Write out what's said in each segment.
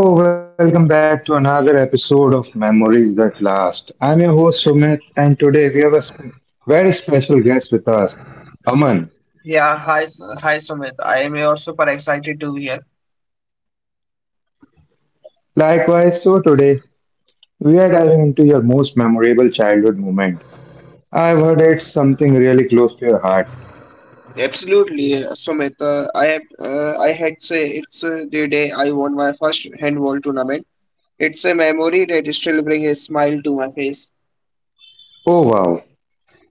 So, welcome back to another episode of Memories That Last. I'm your host Sumit, and today we have a very special guest with us, Aman. Yeah, hi, hi Sumit. I am super excited to be here. Likewise, so today we are diving into your most memorable childhood moment. I've heard it's something really close to your heart. Absolutely, Sumit. I had say it's the day I won my first handball tournament. It's a memory that still brings a smile to my face. Oh, wow,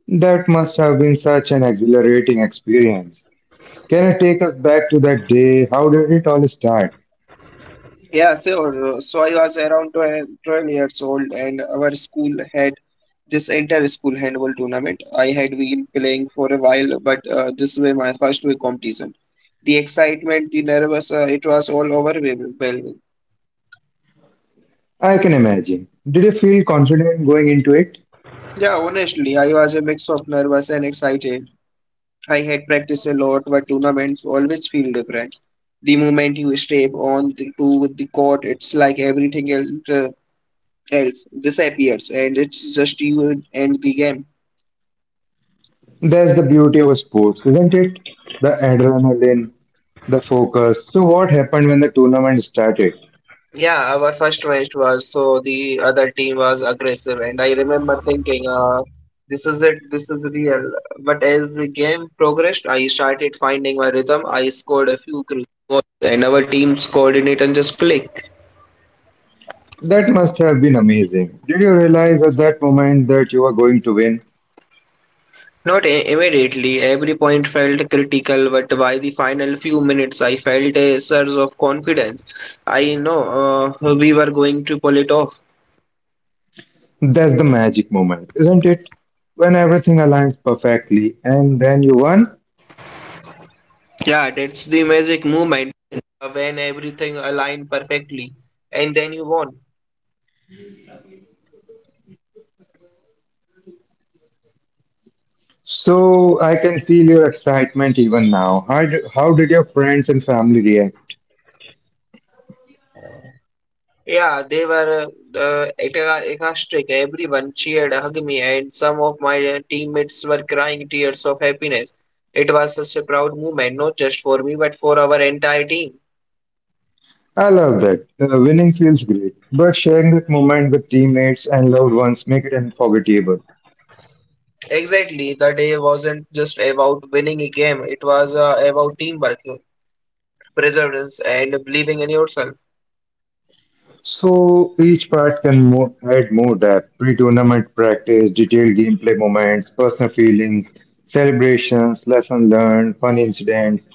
that must have been such an exhilarating experience. Can you take us back to that day? How did it all start? So I was around twelve years old, and our school had this entire school handball tournament. I had been playing for a while, but this was my first big competition. The excitement, the nervous, it was all overwhelming. I can imagine. Did you feel confident going into it? Yeah, honestly, I was a mix of nervous and excited. I had practiced a lot, but tournaments always feel different. The moment you step to the court, it's like everything else, else disappears, and it's just you and the game. That's the beauty of sports, isn't it? The adrenaline, the focus. So, what happened when the tournament started? Yeah, our first match was so the other team was aggressive, and I remember thinking, this is it, this is real. But as the game progressed, I started finding my rhythm. I scored. That must have been amazing. Did you realize at that moment that you were going to win? That's the magic moment, isn't it? When everything aligns perfectly and then you won. Then you won. So, I can feel your excitement even now. How did your friends and family react? Yeah, they were ecstatic. Everyone cheered, hugged me, and some of my teammates were crying tears of happiness. It was such a proud moment, not just for me, but for our entire team. I love that. Winning feels great, but sharing that moment with teammates and loved ones make it unforgettable. Exactly, the day wasn't just about winning a game, it was about teamwork, perseverance, and believing in yourself. So each part can more, add more depth: pre-tournament practice, detailed gameplay moments, personal feelings, celebrations, lessons learned, fun incidents,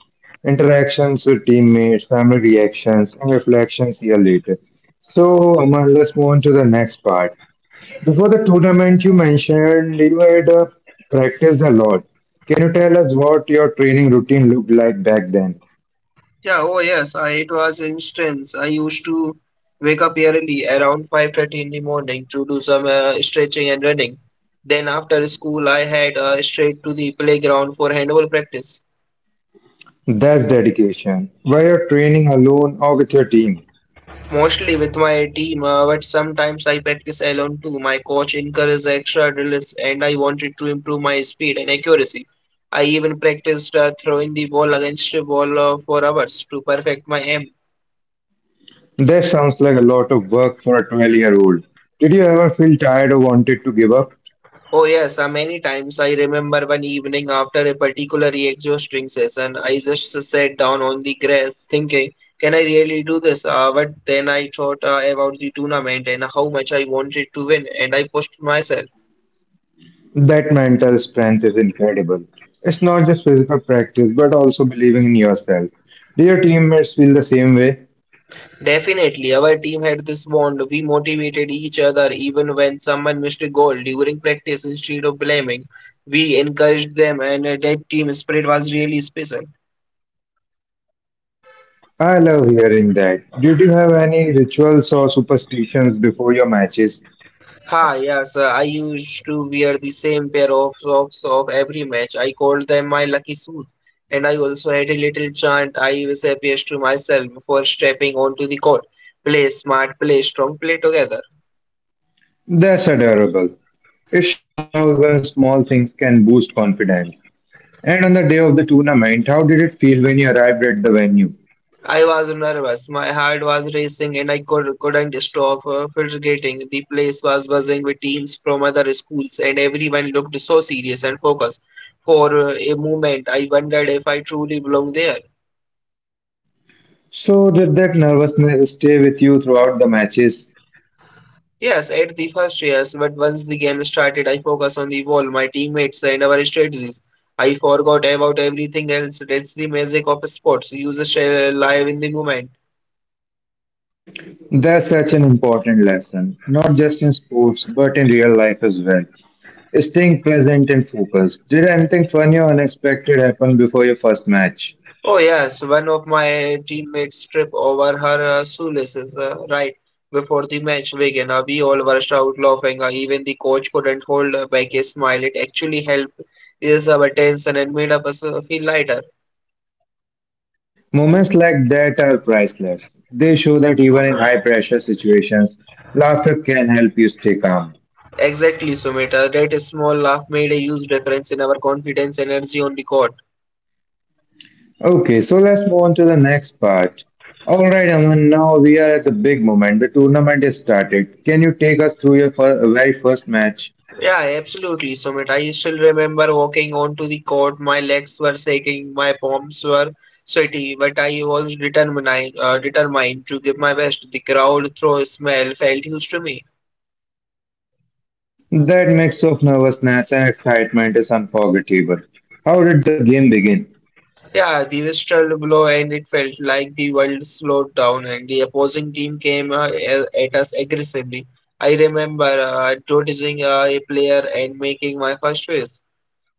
interactions with teammates, family reactions, and reflections year later. So Aman, let's move on to the next part. Before the tournament, you mentioned you had practiced a lot. Can you tell us what your training routine looked like back then? Yeah, oh yes, it was instance. I used to wake up early around 5:30 in the morning to do some stretching and running. Then after school, I had straight to the playground for handball practice, That's dedication. Were you training alone or with your team? mostly with my team, but sometimes I practice alone too. My coach encouraged extra drills and I wanted to improve my speed and accuracy. I even practiced throwing the ball against the wall for hours to perfect my aim. That sounds like a lot of work for a 12-year-old. Did you ever feel tired or wanted to give up? Oh yes, many times. I remember one evening after a particular exhausting string session, I just sat down on the grass thinking, can I really do this? But then I thought about the tournament and how much I wanted to win, and I pushed myself. That mental strength is incredible. It's not just physical practice, but also believing in yourself. Do your teammates feel the same way? Definitely, our team had this bond. We motivated each other even when someone missed a goal during practice instead of blaming. We encouraged them, and that team spirit was really special. I love hearing that. Did you have any rituals or superstitions before your matches? Ha, yes, I used to wear the same pair of socks of every match. I called them my lucky shoes. And I also had a little chant I was appears to myself before stepping onto the court. Play smart, play strong, play together. That's adorable. It shows how even small things can boost confidence. And on the day of the tournament, how did it feel when you arrived at the venue? I was nervous. My heart was racing and couldn't stop fidgeting. The place was buzzing with teams from other schools, and everyone looked so serious and focused. For a moment, I wondered if I truly belonged there. So did that nervousness stay with you throughout the matches? Yes, at the first years, but once the game started, I focus on the ball, my teammates, and our strategies. I forgot about everything else. That's the magic of sports. You just live in the moment. That's such an important lesson, not just in sports, but in real life as well. Staying present and focused. Did anything funny or unexpected happen before your first match? Oh yes, one of my teammates tripped over her shoelaces right before the match began. We all burst out laughing. Even the coach couldn't hold back a smile. It actually helped ease our tension and made us feel lighter. Moments like that are priceless. They show that even in high pressure situations, laughter can help you stay calm. Exactly, Sumita. That small laugh made a huge difference in our confidence energy on the court. Okay, so let's move on to the next part. All right, Aman, now we are at the big moment. The tournament is started. Can you take us through your very first match? Yeah, absolutely, Sumit. I still remember walking onto the court. My legs were shaking, my palms were sweaty, but I was determined, determined to give my best. The crowd throw smell felt huge to me. That mix of nervousness and excitement is unforgettable. How did the game begin? Yeah, the whistle blow and it felt like the world slowed down, and the opposing team came at us aggressively. I remember noticing a player and making my first wish.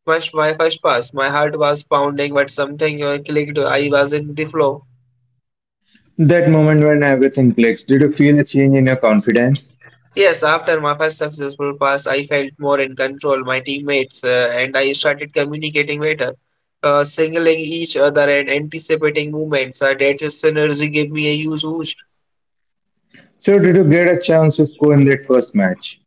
My first pass, my heart was pounding, but something clicked. I was in the flow. That moment when everything clicks, did you feel a change in your confidence? Yes, after my first successful pass, I felt more in control. My teammates and I started communicating better, signaling each other and anticipating movements. That synergy gave me a huge boost. So, did you get a chance to score in that first match?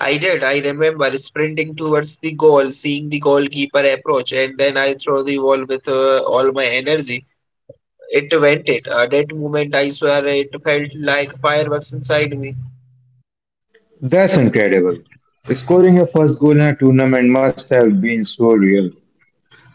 I did. I remember sprinting towards the goal, seeing the goalkeeper approach, and then I throw the ball with all my energy. It went it. That moment, I swear, it felt like fireworks inside me. That's incredible. Scoring your first goal in a tournament must have been so real.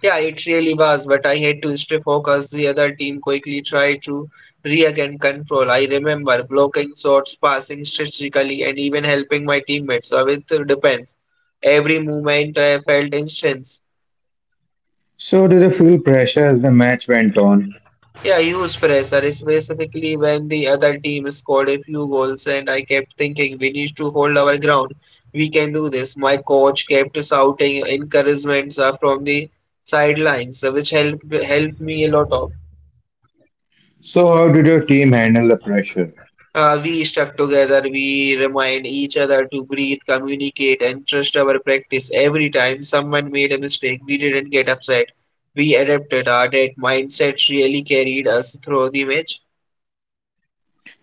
Yeah, it really was, but I had to stay focused. The other team quickly tried to regain control. I remember blocking shots, passing strategically, and even helping my teammates with the defense. Every movement I felt intense. So, did you feel pressure as the match went on? Yeah, huge pressure, specifically when the other team scored a few goals, and I kept thinking we need to hold our ground. We can do this. My coach kept shouting encouragements from the sidelines, which helped me a lot. So, how did your team handle the pressure? We stuck together, we remind each other to breathe, communicate, and trust our practice. Every time someone made a mistake, we didn't get upset. We adapted our that mindset really carried us through the match.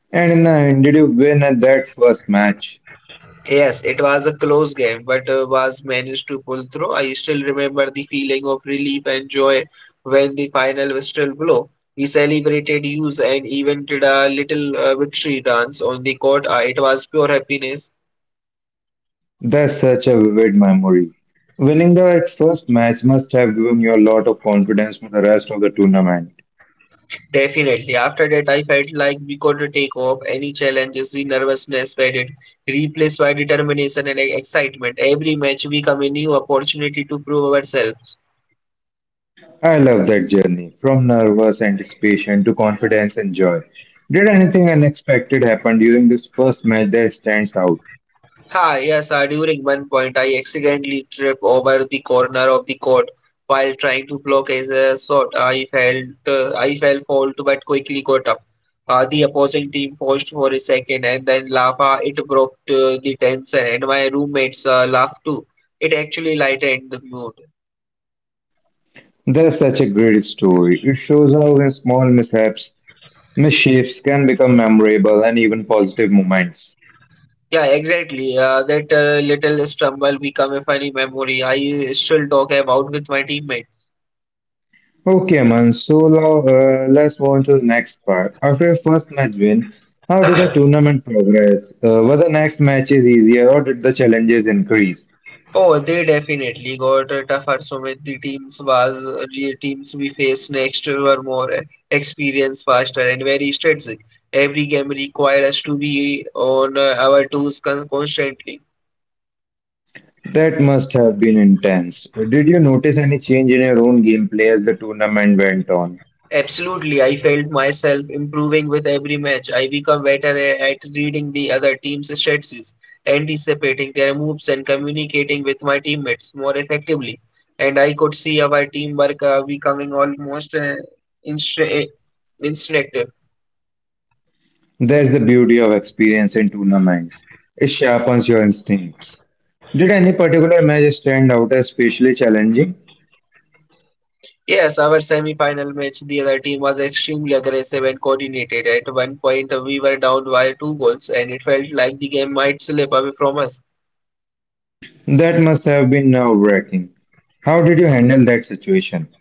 And in the end, did you win at that first match? Yes, it was a close game, but was managed to pull through. I still remember the feeling of relief and joy when the final whistle blew. We celebrated use and even did a little victory dance on the court. It was pure happiness. That's such a vivid memory. Winning that first match must have given you a lot of confidence for the rest of the tournament. Definitely. After that, I felt like we could take off any challenges, the nervousness faded, replaced by determination and excitement. Every match, we come a new opportunity to prove ourselves. I love that journey, from nervous anticipation to confidence and joy. Did anything unexpected happen during this first match that stands out? Hi, yes, during one point I accidentally tripped over the corner of the court while trying to block as a shot. I fell fault but quickly got up. The opposing team paused for a second and then laughed. It broke the tension, and my roommates laughed too. It actually lightened the mood. That's such a great story. It shows how small mishaps, misshapes can become memorable and even positive moments. Yeah, exactly. That little stumble became a funny memory I still talk about with my teammates. Okay, Aman. So now let's move on to the next part. After your first match win, how did the tournament progress? Were the next matches easier or did the challenges increase? Oh, they definitely got tougher. So many teams was the teams we faced next were more experienced, faster, and very strategic. Every game required us to be on our toes constantly. That must have been intense. Did you notice any change in your own gameplay as the tournament went on? Absolutely, I felt myself improving with every match. I become better at reading the other team's strategies, anticipating their moves, and communicating with my teammates more effectively. And I could see our teamwork becoming almost instru- instinctive. That's the beauty of experience in tournaments. It sharpens your instincts. Did any particular match stand out as especially challenging? Yes, our semi-final match, the other team was extremely aggressive and coordinated. At one point, we were down by two goals, and it felt like the game might slip away from us. That must have been nerve-wracking. How did you handle that situation?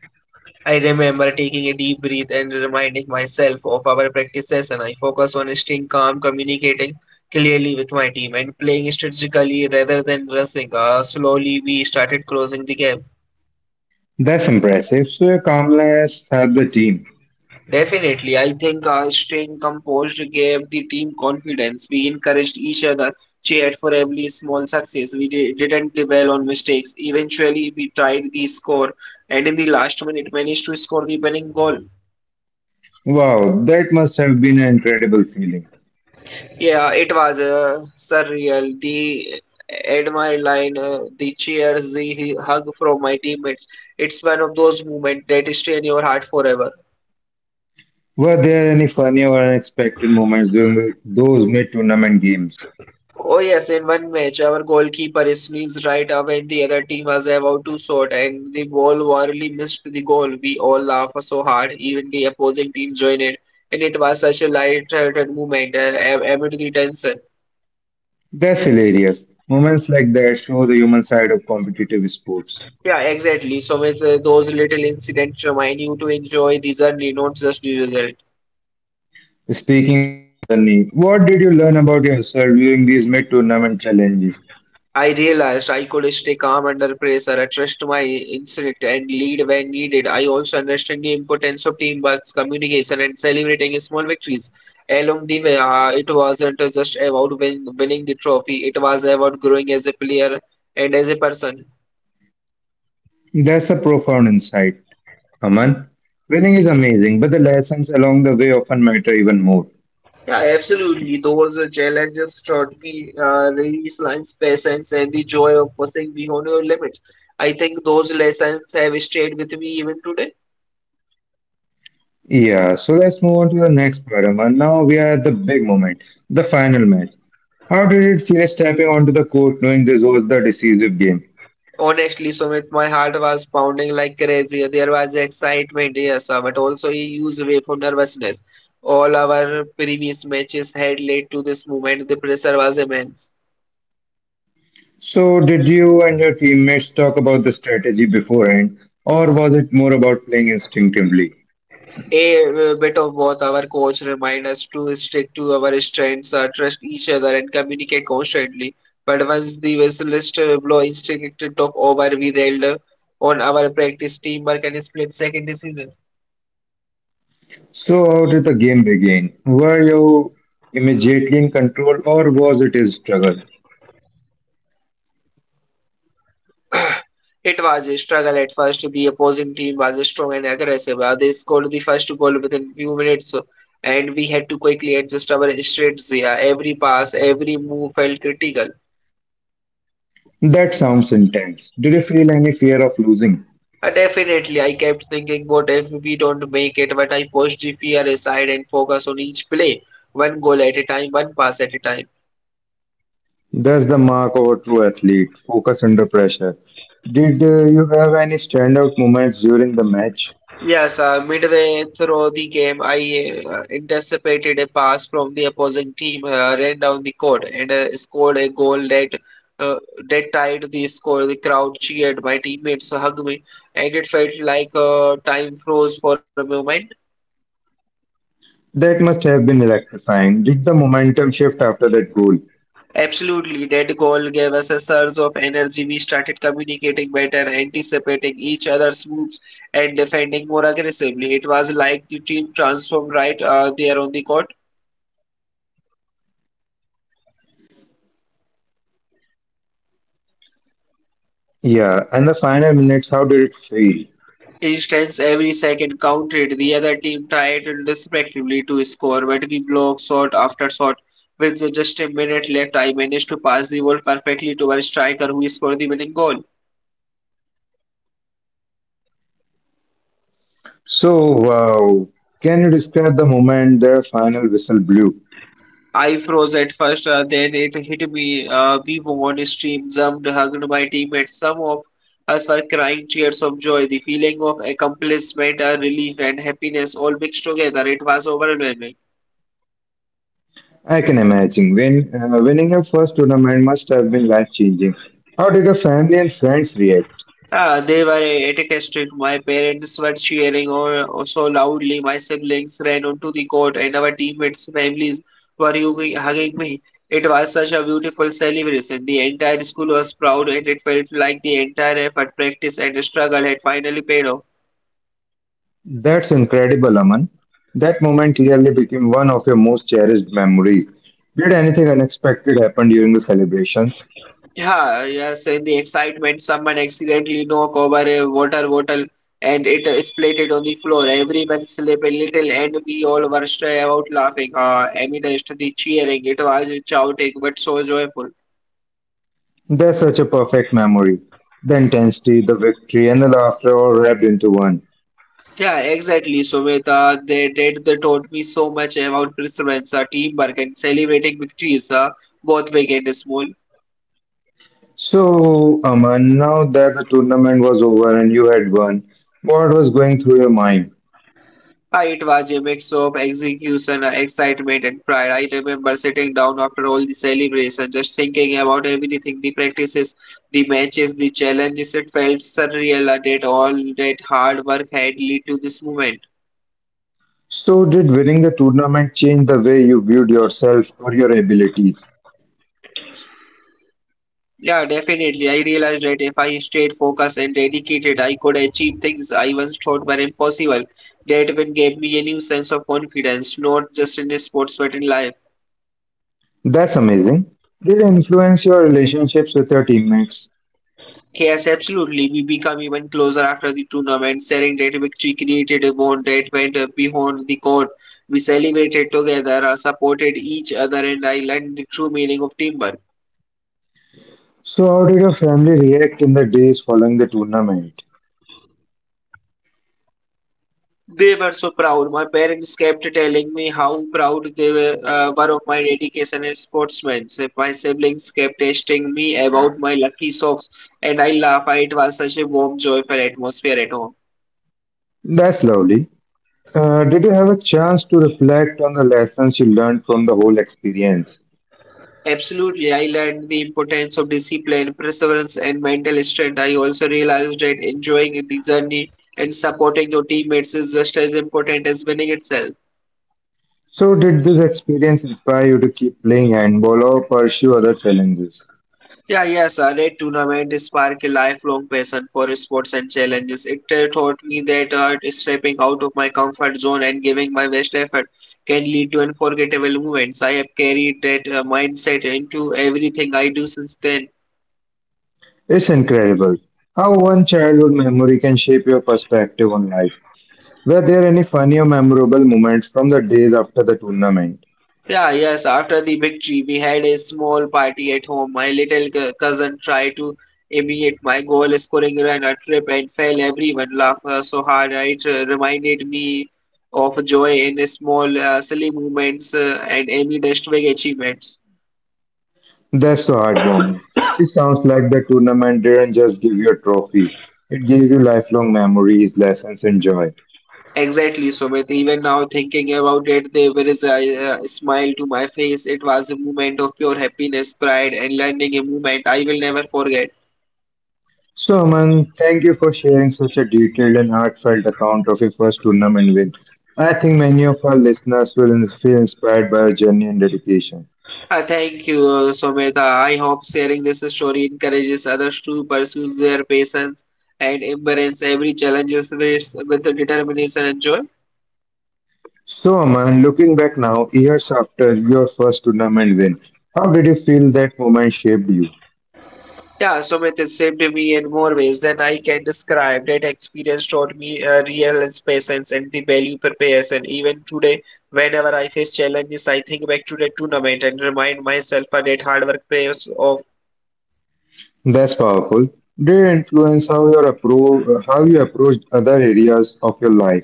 I remember taking a deep breath and reminding myself of our session. I focused on staying calm, communicating clearly with my team, and playing strategically rather than rushing. Slowly, we started closing the gap. That's impressive. So Kamlesh helped the team. Definitely, I think staying composed gave the team confidence. We encouraged each other, cheered for every small success. We didn't dwell on mistakes. Eventually, we tied the score, and in the last minute, managed to score the winning goal. Wow, that must have been an incredible feeling. Yeah, it was surreal. The admire line, the cheers, the hug from my teammates. It's one of those moments that stay in your heart forever. Were there any funny or unexpected moments during those mid-tournament games? Oh yes, in one match, our goalkeeper sneezed right away and the other team was about to shoot, and the ball barely missed the goal. We all laughed so hard, even the opposing team joined in, and it was such a light-hearted moment amid the tension. That's hilarious. Moments like that show the human side of competitive sports. Yeah, exactly. So with those little incidents remind you to enjoy the journey, not just the result. Speaking of Sunny, what did you learn about yourself during these mid-tournament challenges? I realized I could stay calm under pressure, I trust my instinct, and lead when needed. I also understand the importance of teamwork, communication, and celebrating small victories. Along the way, it wasn't just about winning the trophy, it was about growing as a player and as a person. That's a profound insight. Aman, winning is amazing, but the lessons along the way often matter even more. Yeah, absolutely. Those challenges taught me resilience, patience, and the joy of pushing beyond your limits. I think those lessons have stayed with me even today. Yeah, so let's move on to the next program. And now we are at the big moment, the final match. How did it feel stepping onto the court knowing this was the decisive game? Honestly, Sumit, my heart was pounding like crazy. There was excitement, yes, but also a huge wave of nervousness. All our previous matches had led to this moment. The pressure was immense. So, did you and your teammates talk about the strategy beforehand, or was it more about playing instinctively? A bit of both. Our coach reminded us to stick to our strengths, trust each other, and communicate constantly. But once the whistlist blow instinct took over, we relied on our practice, teamwork, and split-second decisions. So, how did the game begin? Were you immediately in control, or was it a struggle? It was a struggle at first. The opposing team was strong and aggressive. They scored the first goal within few minutes, and we had to quickly adjust our strategy. Every pass, every move felt critical. That sounds intense. Did you feel any fear of losing? Definitely, I kept thinking, what if we don't make it? But I pushed the fear aside and focused on each play, one goal at a time, one pass at a time. That's the mark of a true athlete, focus under pressure. Did you have any standout moments during the match? Yes, midway through the game, I intercepted a pass from the opposing team, ran down the court, and scored a goal that uh, tied the score. The crowd cheered, my teammates hugged me, and it felt like time froze for a moment. That must have been electrifying. Did the momentum shift after that goal? Absolutely, that goal gave us a surge of energy. We started communicating better, anticipating each other's moves, and defending more aggressively. It was like the team transformed right there on the court. Yeah, and the final minutes, how did it feel? Instance every second counted. The other team tried respectively to score, but we blocked shot after shot. With just a minute left, I managed to pass the ball perfectly to our striker who scored the winning goal. So, wow. Can you describe the moment the final whistle blew? I froze at first, then it hit me. We won, stream jumped, hugged my teammates. Some of us were crying tears of joy. The feeling of accomplishment, relief, and happiness all mixed together. It was overwhelming. I can imagine. Winning your first tournament must have been life changing. How did your family and friends react? Ah, they were ecstatic. My parents were cheering or so loudly. My siblings ran onto the court, and our teammates' families were hugging me. It was such a beautiful celebration. The entire school was proud, and it felt like the entire effort, practice, and struggle had finally paid off. That's incredible, Aman. That moment clearly became one of your most cherished memories. Did anything unexpected happen during the celebrations? Yeah, yes, in the excitement, someone accidentally knocked over a water bottle and it splattered on the floor. Everyone slipped a little and we all burst out laughing. Amidst the cheering, it was chaotic but so joyful. That's such a perfect memory. The intensity, the victory, and the laughter all wrapped into one. Yeah, exactly, Sumita. They taught me so much about perseverance, teamwork, and celebrating victories, both big and small. So, Aman, now that the tournament was over and you had won, what was going through your mind? It was a mix of execution, excitement, and pride. I remember sitting down after all the celebration, just thinking about everything the practices, the matches, the challenges. It felt surreal that all that hard work had led to this moment. So, did winning the tournament change the way you viewed yourself or your abilities? Yeah, definitely. I realized that if I stayed focused and dedicated, I could achieve things I once thought were impossible. That even gave me a new sense of confidence, not just in sports but in life. That's amazing. Did it influence your relationships with your teammates? Yes, absolutely. We become even closer after the tournament, sharing that victory created a bond that went beyond the court. We celebrated together, supported each other, and I learned the true meaning of teamwork. So, how did your family react in the days following the tournament? They were so proud. My parents kept telling me how proud they were, of my dedication as sportsmanship. My siblings kept testing me about my lucky socks, and I laugh. It was such a warm, joyful atmosphere at home. That's lovely. Did you have a chance to reflect on the lessons you learned from the whole experience? Absolutely, I learned the importance of discipline, perseverance, and mental strength. I also realized that enjoying the journey and supporting your teammates is just as important as winning itself. So, did this experience inspire you to keep playing handball or pursue other challenges? Yeah, yes, a red tournament sparked a lifelong passion for sports and challenges. It taught me that art is stepping out of my comfort zone and giving my best effort can lead to unforgettable moments. I have carried that mindset into everything I do since then. It's incredible how one childhood memory can shape your perspective on life. Were there any funny or memorable moments from the days after the tournament? Yeah, yes, after the victory, we had a small party at home. My little cousin tried to imitate my goal scoring run a trip and fell. Everyone laughed so hard. It reminded me of joy in small, silly moments and Amy dashed achievements. That's so heartwarming. It sounds like the tournament didn't just give you a trophy, it gave you lifelong memories, lessons, and joy. Exactly, Sumit. Even now, thinking about it, there was a smile to my face. It was a moment of pure happiness, pride, and learning a moment I will never forget. So, Aman, thank you for sharing such a detailed and heartfelt account of your first tournament win. I think many of our listeners will feel inspired by your journey and dedication. Thank you, Someta. I hope sharing this story encourages others to pursue their passions and embrace every challenge with determination and joy. So, Aman, looking back now, years after your first tournament win, how did you feel that moment shaped you? Yeah, Someta it saved me in more ways than I can describe. That experience taught me real patience and the value preparation. Even today, whenever I face challenges, I think back to the tournament and remind myself that hard work pays off. That's powerful. Did it influence how you approach other areas of your life,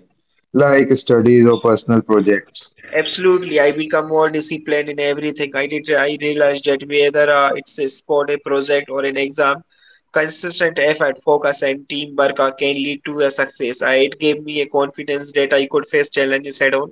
like studies or personal projects? Absolutely, I become more disciplined in everything. I did. I realized that whether it's a sport, a project, or an exam, consistent effort, focus, and teamwork can lead to a success. It gave me a confidence that I could face challenges head on.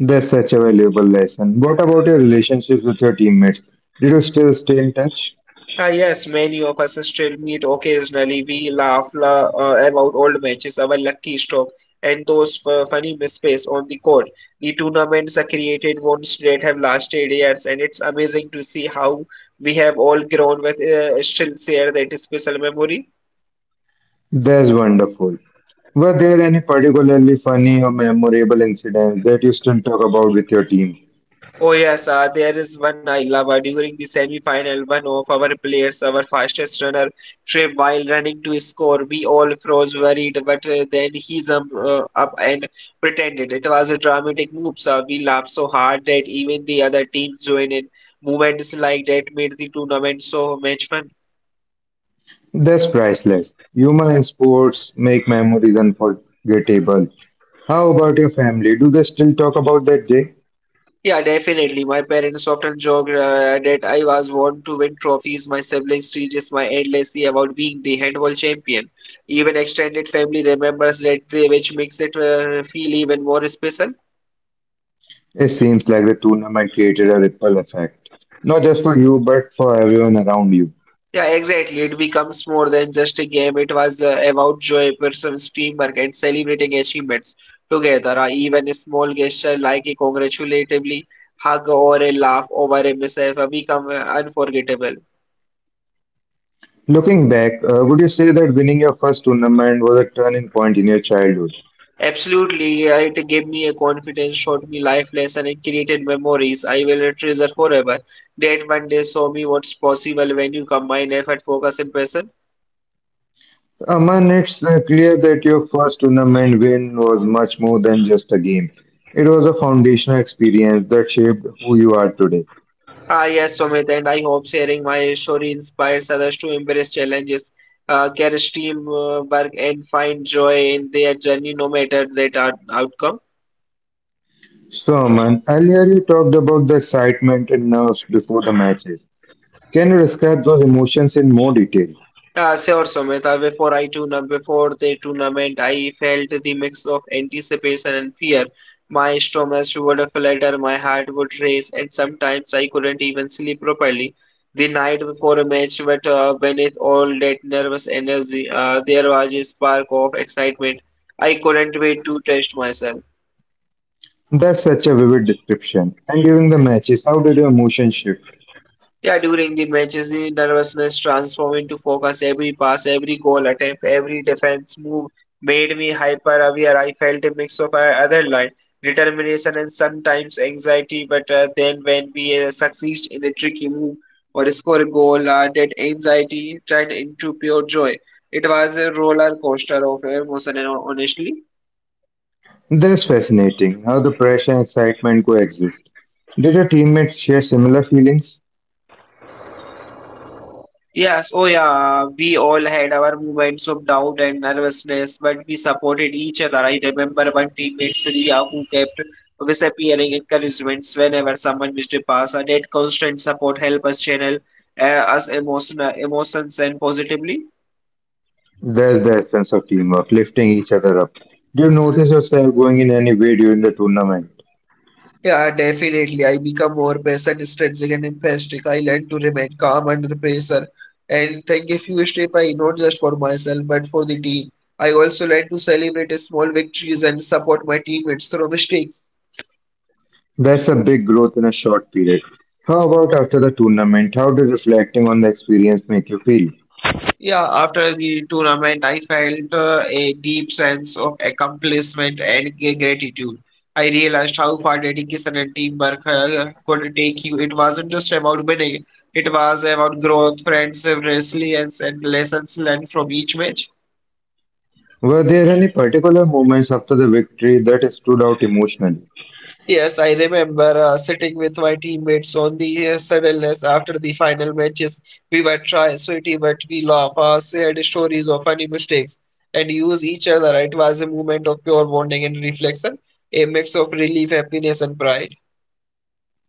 That's such a valuable lesson. What about your relationships with your teammates? Did you still stay in touch? Ah, yes, many of us still meet occasionally. We laugh la about old matches, our lucky stroke, and those f funny misplays on the court. The tournaments are created once that have lasted years, and it's amazing to see how we have all grown with still share that special memory. That's wonderful. Were there any particularly funny or memorable incidents that you still talk about with your team? Oh yes, there is one I love. During the semi-final, one of our players, our fastest runner, tripped while running to score. We all froze worried, but then he's up and pretended. It was a dramatic move, so we laughed so hard that even the other teams joined in. Moments like that made the tournament so much fun. That's priceless. Humor and sports make memories unforgettable. How about your family? Do they still talk about that day? Yeah, definitely. My parents often joke that I was born to win trophies. My siblings teaches my endlessly about being the handball champion. Even extended family remembers that day, which makes it feel even more special. It seems like the tournament created a ripple effect, not just for you, but for everyone around you. Yeah, exactly. It becomes more than just a game. It was about joy, person's teamwork, and celebrating achievements together. Even a small gesture like a congratulatory hug or a laugh over a mishap become unforgettable. Looking back, would you say that winning your first tournament was a turning point in your childhood? Absolutely, it gave me a confidence, showed me life lesson, and created memories I will treasure forever. That one day show me what's possible when you combine effort, focus, and passion. Aman, it's clear that your first tournament win was much more than just a game. It was a foundational experience that shaped who you are today. Ah, yes, Sumit, and I hope sharing my story inspires others to embrace challenges, care, stream work, and find joy in their journey, no matter that outcome. So, Aman, earlier you talked about the excitement and nerves before the matches. Can you describe those emotions in more detail? Yeah, sure, Sumita. Before the tournament, I felt the mix of anticipation and fear. My stomach would flutter, my heart would race, and sometimes I couldn't even sleep properly. The night before a match, but beneath all that nervous energy, there was a spark of excitement. I couldn't wait to test myself. That's such a vivid description. And during the matches, how did your emotion shift? Yeah, during the matches, the nervousness transformed into focus. Every pass, every goal attempt, every defense move made me hyper aware. I felt a mix of other line, determination and sometimes anxiety. But then, when we succeed in a tricky move or score a goal, that anxiety turned into pure joy. It was a roller coaster of emotion, and honestly. That is fascinating, how the pressure and excitement coexist. Did your teammates share similar feelings? Yes, oh yeah, we all had our moments of doubt and nervousness, but we supported each other. I remember one teammate, Sriya, who kept disappearing encouragements someone missed a pass. And that constant support helped us channel uh, us emotional emotions and positively. That's the essence of teamwork, lifting each other up. Do you notice yourself going in any way during the tournament? Yeah, definitely. I become more patient, strategic, and empathic. I learn to remain calm under pressure and take a few steps I not just for myself but for the team. I also learn to celebrate small victories and support my teammates through mistakes. That's a big growth in a short period. How about after the tournament? How did reflecting on the experience make you feel? Yeah, after the tournament, I felt a deep sense of accomplishment and gratitude. I realized how far dedication and teamwork could take you. It wasn't just about winning, it was about growth, friendship, resilience, and lessons learned from each match. Were there any particular moments after the victory that stood out emotionally? Yes, I remember sitting with my teammates on the sadness after the final matches. We were try sweaty, but we laugh, shared stories of funny mistakes, and use each other. It was a moment of pure bonding and reflection, a mix of relief, happiness, and pride.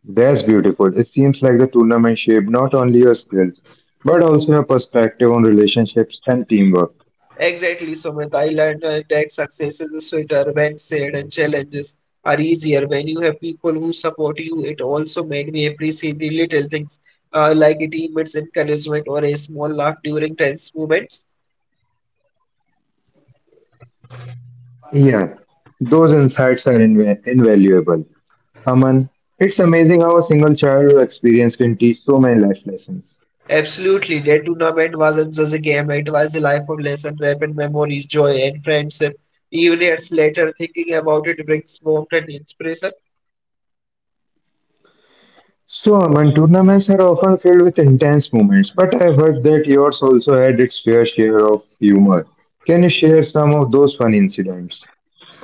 That's beautiful. It seems like the tournament shaped not only your skills, but also your perspective on relationships and teamwork. Exactly, Sumit. I learned that success is sweeter when shared, and challenges are easier when you have people who support you. It also made me appreciate the little things, like a teammate's encouragement or a small laugh during tense moments. Yeah, those insights are invaluable. Aman, it's amazing how a single childhood experience can teach so many life lessons. Absolutely, that tournament wasn't just a game, it was a life of lessons, rapid memories, joy, and friendship. Even years later, thinking about it brings warmth and inspiration. So, Aman, tournaments are often filled with intense moments, but I've heard that yours also had its fair share of humor. Can you share some of those fun incidents?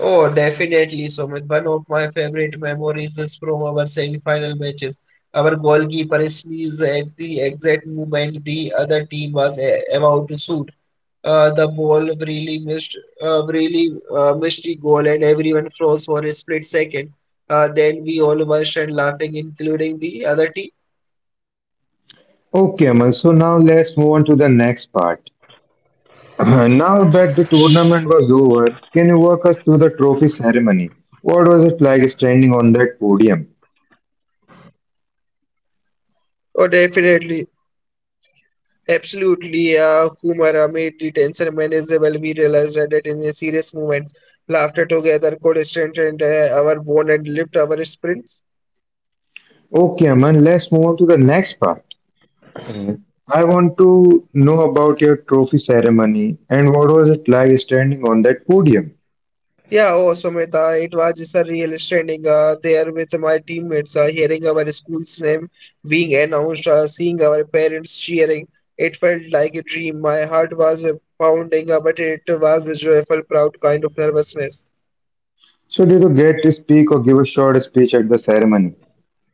Oh, definitely, Sumit. One of my favorite memories is from our semi-final matches. Our goalkeeper sneezed at the exact moment the other team was about to shoot. The ball really missed, really missed the goal, and everyone froze for a split second. Then we all burst and laughing, including the other team. Okay, Aman, so now let's move on to the next part. Now that the tournament was over, can you walk us through the trophy ceremony? What was it like standing on that podium? Oh, definitely. Absolutely, humor made detention manageable. We realized that in a serious moments, laughter together could strengthen our bond and lift our spirits. Okay, Aman, let's move on to the next part. I want to know about your trophy ceremony and what was it like standing on that podium. Yeah, oh, Sumita, it was just a real standing there with my teammates, hearing our school's name being announced, seeing our parents cheering. It felt like a dream. My heart was pounding, but it was a joyful, proud kind of nervousness. So, did you get to speak or give a short speech at the ceremony?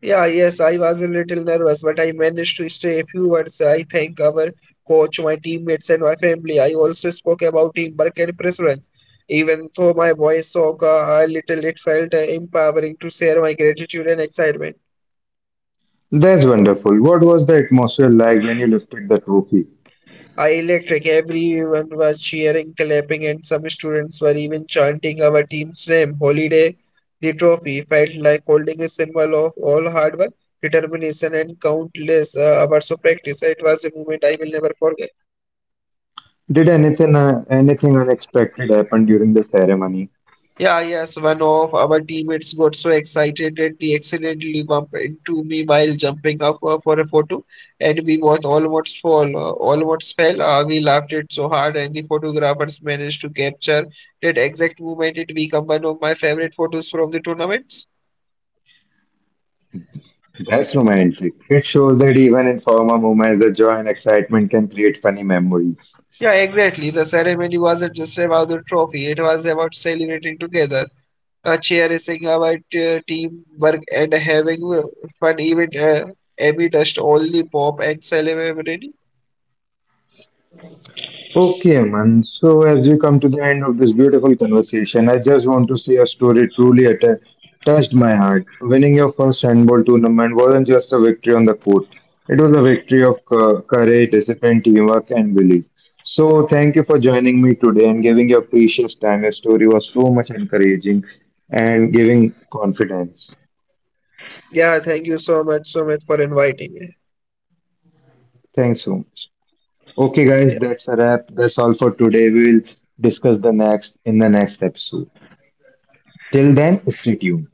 Yeah, yes, I was a little nervous, but I managed to stay a few words. I thank our coach, my teammates, and my family. I also spoke about teamwork and perseverance. Even though my voice shook a little, it felt empowering to share my gratitude and excitement. That's wonderful. What was the atmosphere like when you lifted the trophy? I electric. Everyone was cheering, clapping, and some students were even chanting our team's name. Holiday, the trophy felt like holding a symbol of all hard work, determination, and countless hours of practice. It was a moment I will never forget. Did anything unexpected happen during the ceremony? Yeah, yes, one of our teammates got so excited that he accidentally bumped into me while jumping up for a photo, and we both almost fell. We laughed it so hard, and the photographers managed to capture that exact moment. It became one of my favorite photos from the tournaments. That's romantic. It shows that even in former moments, the joy and excitement can create funny memories. Yeah, exactly. The ceremony wasn't just about the trophy; it was about celebrating together. Cherishing about team work and having fun even amid dust only pop and celebrity. Okay, man. So, as we come to the end of this beautiful conversation, I just want to say a story truly touched my heart. Winning your first handball tournament wasn't just a victory on the court, it was a victory of courage, discipline, teamwork, and belief. So, thank you for joining me today and giving your precious time. Your story was so much encouraging and giving confidence. Yeah, thank you so much, so much for inviting me. Thanks so much. Okay, guys, Yeah. that's a wrap. That's all for today. We will discuss the next in the next episode. Till then, stay tuned.